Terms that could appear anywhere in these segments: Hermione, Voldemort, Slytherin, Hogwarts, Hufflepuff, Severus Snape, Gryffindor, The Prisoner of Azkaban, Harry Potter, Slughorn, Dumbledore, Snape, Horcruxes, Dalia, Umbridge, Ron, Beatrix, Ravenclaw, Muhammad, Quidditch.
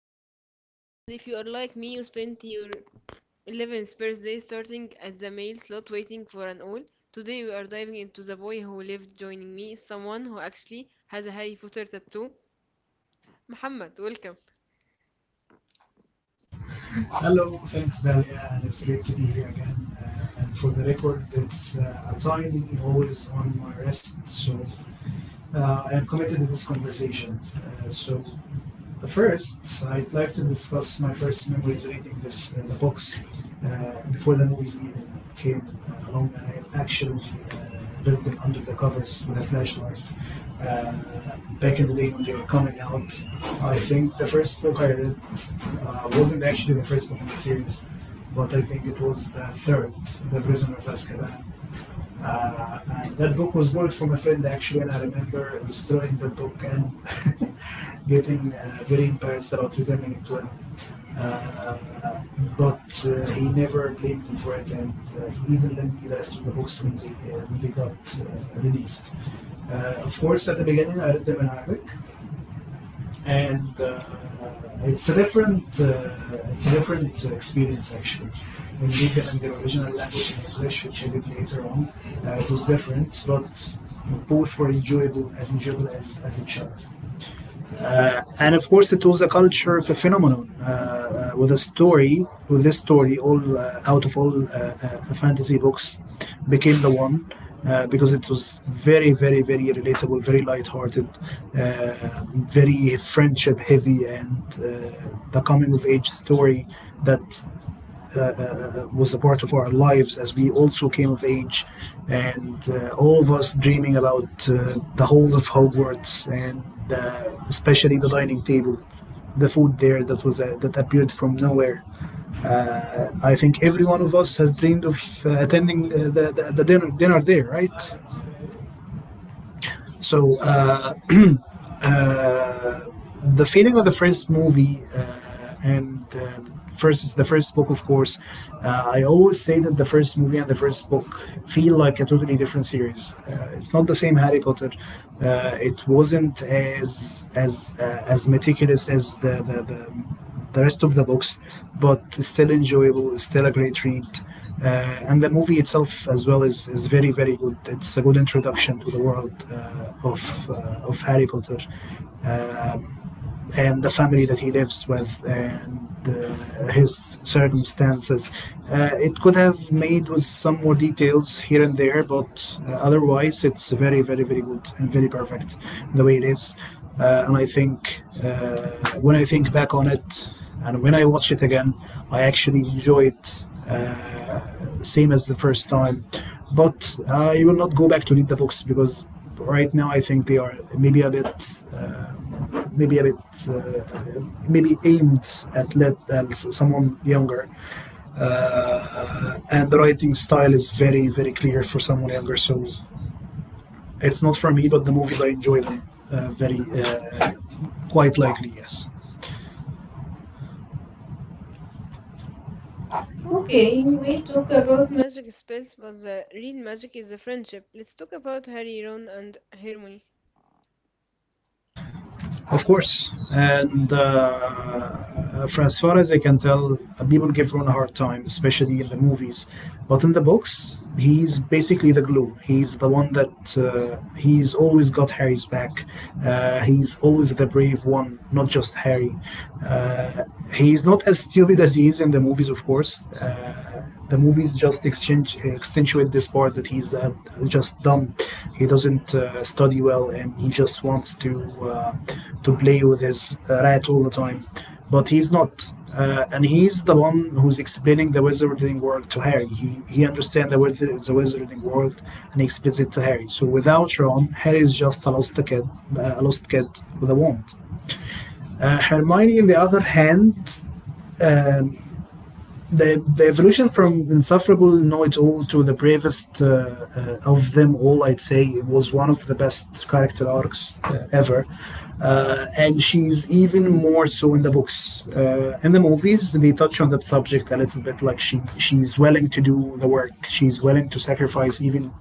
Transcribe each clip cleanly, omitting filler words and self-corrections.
I'm Dalia, and if you are like me, you spent your 11th birthday starting at the mail slot waiting for an all. Today we are diving into the boy who lived. Joining me is someone who actually has a Harry Potter tattoo. Muhammad, welcome. Hello, thanks, Dalia, and it's great to be here again. And for the record, it's a time always on my wrist, so I am committed to this conversation. Uh, so First, I'd like to discuss my first memories reading this in the books before the movies even came along, and I've actually read them under the covers with a flashlight. Uh, Back in the day when they were coming out, I think the first book I read wasn't actually the first book in the series, but I think it was the third, The Prisoner of Azkaban. And that book was borrowed from a friend actually, and I remember destroying the book and getting very embarrassed about returning it to him. Uh, but he never blamed me for it, and he even lent me the rest of the books when they got released. Of course, at the beginning, I read them in Arabic, and it's a different experience actually when they did them in their original language in English, which I did later on. It was different, but both were enjoyable as each other. And of course, it was a culture phenomenon with a story, with this story, all out of all fantasy books, became the one because it was very, very, very relatable, very lighthearted, uh, very friendship heavy, and the coming of age story that was a part of our lives as we also came of age, and all of us dreaming about the whole of Hogwarts and uh, especially the dining table, the food there that was that appeared from nowhere. I think every one of us has dreamed of attending the dinner there, right? So uh, uh, the feeling of the first movie and first the first book, of course, I always say that the first movie and the first book feel like a totally different series. It's not the same Harry Potter. It wasn't as as meticulous as the rest of the books, but still enjoyable. Still a great read, and the movie itself as well is very very good. It's a good introduction to the world of Harry Potter, um, and the family that he lives with and his circumstances. It could have made with some more details here and there, but otherwise it's very, very, very good and very perfect the way it is. And I think when I think back on it and when I watch it again, I actually enjoy it same as the first time. But I will not go back to read the books because right now I think they are maybe a bit, maybe aimed at someone younger, and the writing style is very very clear for someone younger, so it's not for me, but the movies I enjoy them, very quite likely, yes. Okay, Okay, we we talk talk about about magic spells, but the real magic is the friendship. Let's talk about Harry, Ron, and Hermione. Of course. And for as far as I can tell, people give Ron a hard time, especially in the movies. But in the books, he's basically the glue. He's the one that he's always got Harry's back. He's always the brave one, not just Harry. Uh, he's not as stupid as he is in the movies, of course. The movies just exchange, accentuate this part that he's just dumb. He doesn't study well, and he just wants uh, to play with his rat all the time. But he's not. And he's the one who's explaining the wizarding world to Harry. He understands the wizarding world and he explains it to Harry. So without Ron, Harry is just a lost kid, uh, a lost kid with a wand. Hermione, on the other hand. Um, the evolution from insufferable know it all to the bravest of them all, I'd say, was one of the best character arcs ever, and she's even more so in the books. In the movies they touch on that subject a little bit, like she's willing to do the work, she's willing to sacrifice even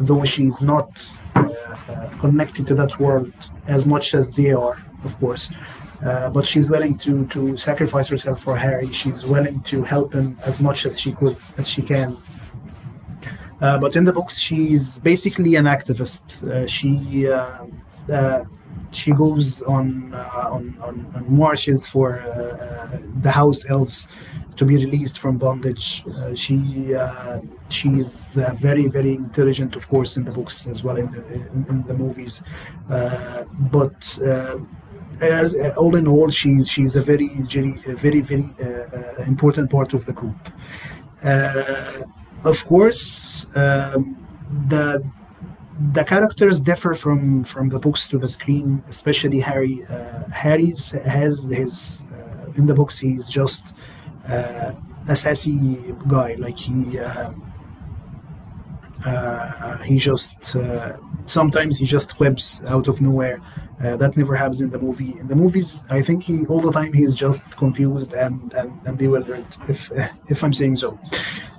though she's not connected to that world as much as they are, of course. But she's willing to sacrifice herself for Harry. She's willing to help him as much as she could, as she can, but in the books, she's basically an activist. Uh, she goes on marches for the house elves to be released from bondage. She she's very very intelligent, of course, in the books as well in the movies. Uh, but as All in all, she's a very very very very important part of the group. Uh, of course, the the characters differ from the books to the screen, especially Harry. Harry's has his in the books he's just uh, a sassy guy, like, he just sometimes he just whips out of nowhere. That never happens in the movie. In the movies, I think he all the time he's just confused and bewildered, if if I'm saying so.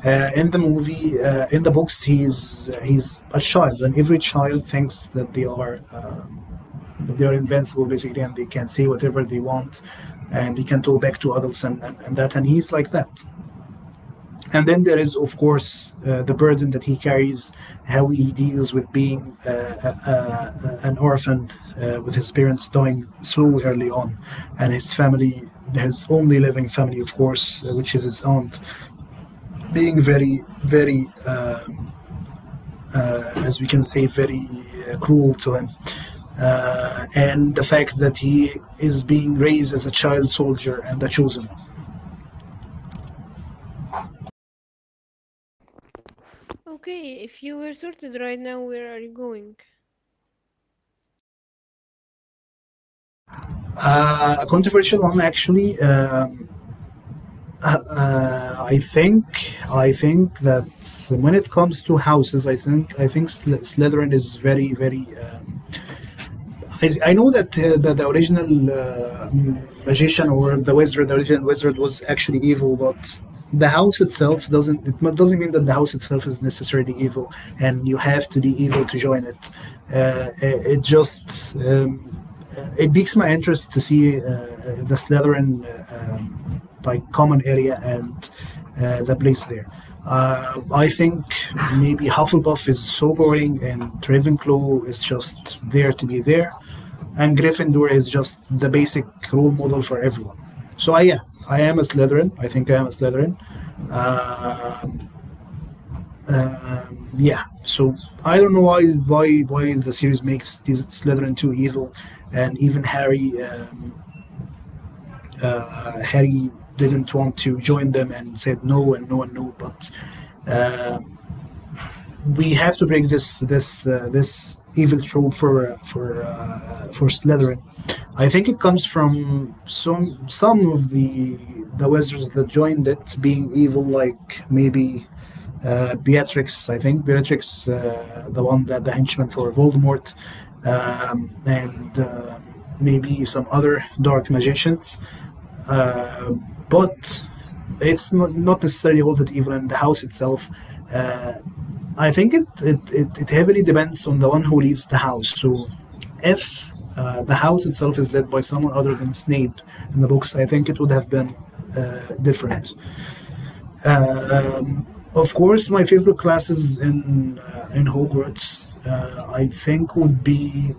In the books, he's a child, and every child thinks that they are invincible basically, and they can say whatever they want, and they can talk back to adults and that. And he's like that. And then there is, of course, the burden that he carries, how he deals with being an orphan, with his parents dying so early on, and his family, his only living family, of course, which is his aunt, being very, very, as we can say, very cruel to him. And the fact that he is being raised as a child soldier and a chosen one. Okay, if you were sorted right now, where are you going? A controversial one, actually. Uh, I think I think that when it comes to houses, I think Slytherin is very very. I know that the original magician or the wizard, the original wizard was actually evil, but the house itself doesn't. It doesn't mean that the house itself is necessarily evil, and you have to be evil to join it. It just it piques my interest to see the Slytherin like common area and the place there. I think maybe Hufflepuff is so boring and Ravenclaw is just there to be there, and Gryffindor is just the basic role model for everyone. So I, yeah, I am a Slytherin. I think I am a Slytherin. Uh, yeah. So I don't know why the series makes these Slytherin too evil, and even Harry didn't want to join them and said no and no one knew. But uh, we have to break this this evil trope for for Slytherin. I think it comes from some of the wizards that joined it being evil, like maybe Beatrix. I think Beatrix, the one that the henchman for Voldemort, and maybe some other dark magicians. Uh, but it's not, not necessarily all that evil in the house itself. Uh, I think it heavily depends on the one who leads the house. So if the house itself is led by someone other than Snape in the books, I think it would have been different. Uh, Um, of course, my favorite classes in in Hogwarts, I think, would be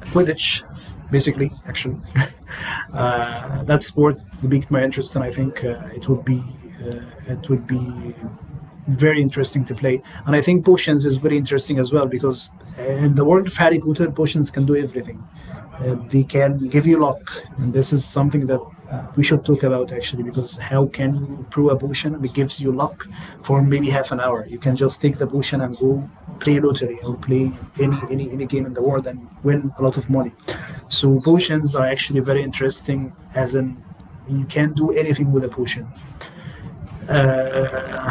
Quidditch, basically, actually, that sport piqued my interest, and I think it would be very interesting to play. And I think potions is very interesting as well because in the world of Harry Potter, potions can do everything. They can give you luck, and this is something that we should talk about actually because how can you brew a potion that gives you luck for maybe half an hour? You can just take the potion and go play lottery or play any game in the world and win a lot of money. So potions are actually very interesting as in you can do anything with a potion. Uh,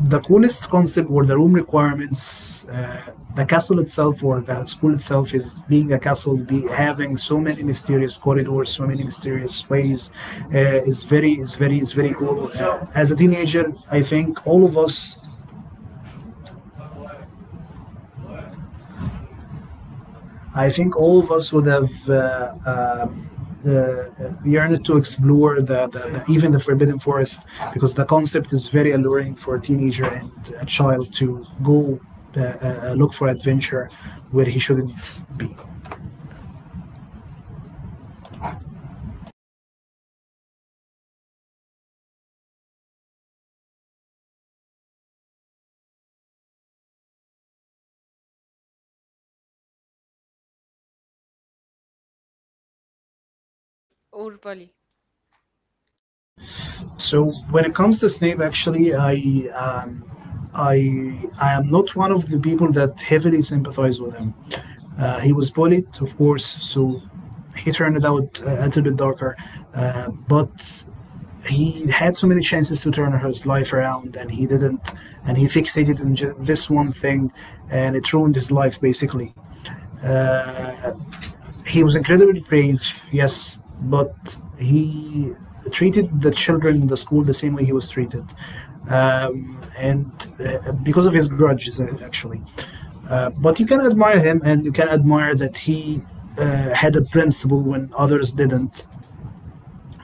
the coolest concept were the room requirements. The castle itself, or the school itself, is being a castle, having so many mysterious corridors, so many mysterious ways. Uh, is very cool. As a teenager, I think all of us would have uh, uh, yearned to explore the even the forbidden forest, because the concept is very alluring for a teenager and a child to go look for adventure where he shouldn't be. Okay, Muhammad, that's great. Okay, let's get into the heavy stuff. Silver Snape, hero or Pali? So when it comes to Snape, actually, I am not one of the people that heavily sympathize with him. He was bullied, of course, so he turned out a little bit darker. But he had so many chances to turn his life around, and he didn't, and he fixated on this one thing, and it ruined his life basically. Uh, he was incredibly brave, yes, but he treated the children in the school the same way he was treated, and because of his grudges, actually. Uh, but you can admire him, and you can admire that he had a principle when others didn't.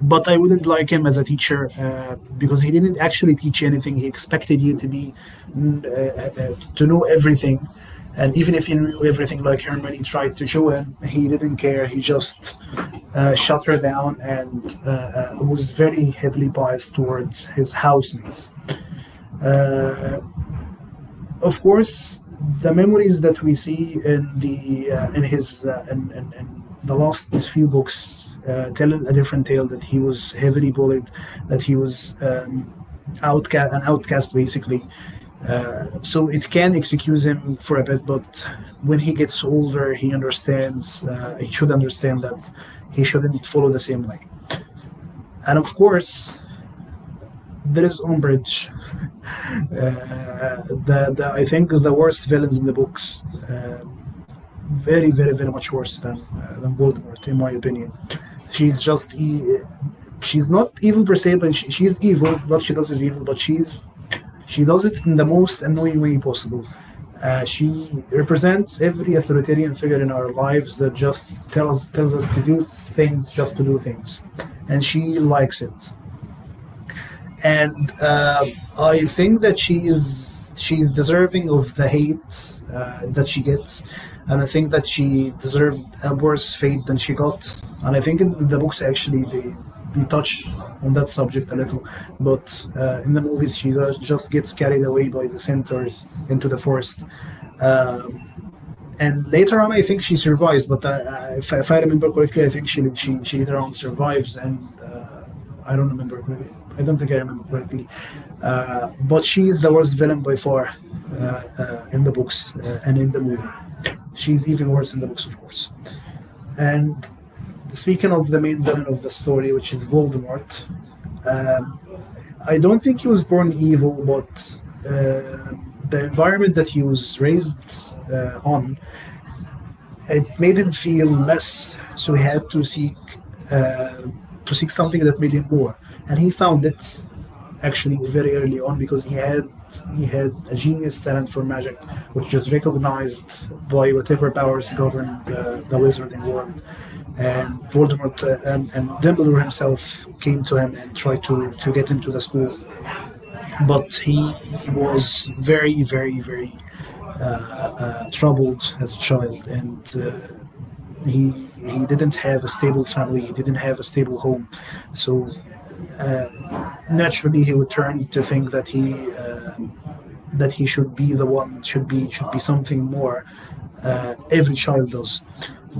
But I wouldn't like him as a teacher, because he didn't actually teach anything. He expected you to be to know everything, and even if you knew everything, like Hermione tried to show him, he didn't care. He just shut her down, and was very heavily biased towards his housemates. Uh, of course, the memories that we see in the in his in the last few books tell a different tale, that he was heavily bullied, that he was outcast an outcast basically. So it can excuse him for a bit, but when he gets older, he understands. He should understand that he shouldn't follow the same way. And of course, there is umbrage, I think the worst villains in the books, very, very, very much worse than Voldemort, in my opinion. She's just e- she's not evil per se, but she's evil. What she does is evil, but she does it in the most annoying way possible. She represents every authoritarian figure in our lives that just tells us to do things just to do things, and she likes it. And I think that she's deserving of the hate that she gets, and I think that she deserved a worse fate than she got. And I think in the books actually they touch on that subject a little, but in the movies she just gets carried away by the centaurs into the forest. Um and later on, I think she survives. But if I remember correctly, I think she later on survives, and I don't remember correctly. I don't think I remember correctly. But she is the worst villain by far, in the books and in the movie. She's even worse in the books, of course. And speaking of the main villain of the story, which is Voldemort, um, I don't think he was born evil, but uh, the environment that he was raised on, it made him feel less, so he had uh, to seek something that made him more. And he found it actually very early on, because he had a genius talent for magic, which was recognized by whatever powers governed the wizarding world. And and Dumbledore himself came to him and tried to get him to the school. But he was very, very, very uh, troubled as a child, and he he didn't have a stable family, he didn't have a stable home, so naturally he would turn to think uh, that he should be the one, should be, should be something more. Uh, every child does,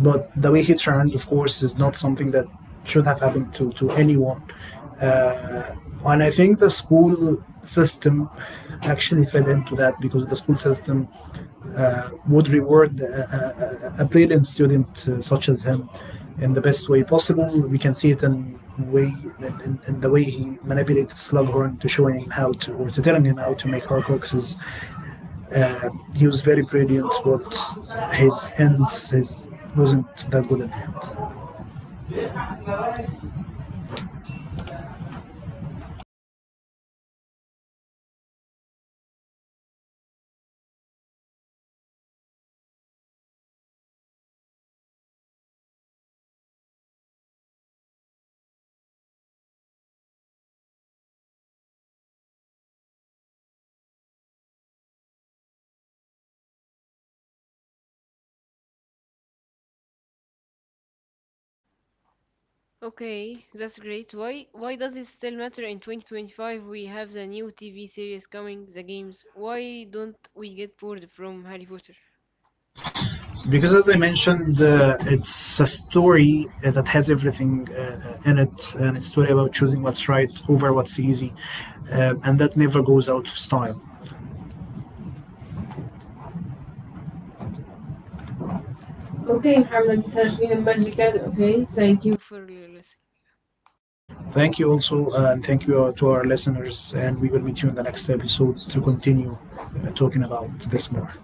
but the way he turned, of course, is not something that should have happened to anyone. Uh, and I think the school system actually fed into that, because the school system would reward a brilliant student, such as him, in the best way possible. We can see it in way in the way he manipulated Slughorn to showing him how to, or to telling him how to, make Horcruxes. Uh, he was very brilliant, but his ends his wasn't that good at the end. Okay, that's great. Why does it still matter in 2025? We have the new TV series coming, the games. Why don't we get bored from Harry Potter? Because as I mentioned, it's a story that has everything in it, and it's a story about choosing what's right over what's easy. And that never goes out of style. Okay, Okay, Muhammad, Muhammad, it it has has been been a a magical. magical. Okay, Okay, thank thank you. you for listening. Thank you also, and thank you to our listeners. And we will meet you in the next episode to continue talking about this more.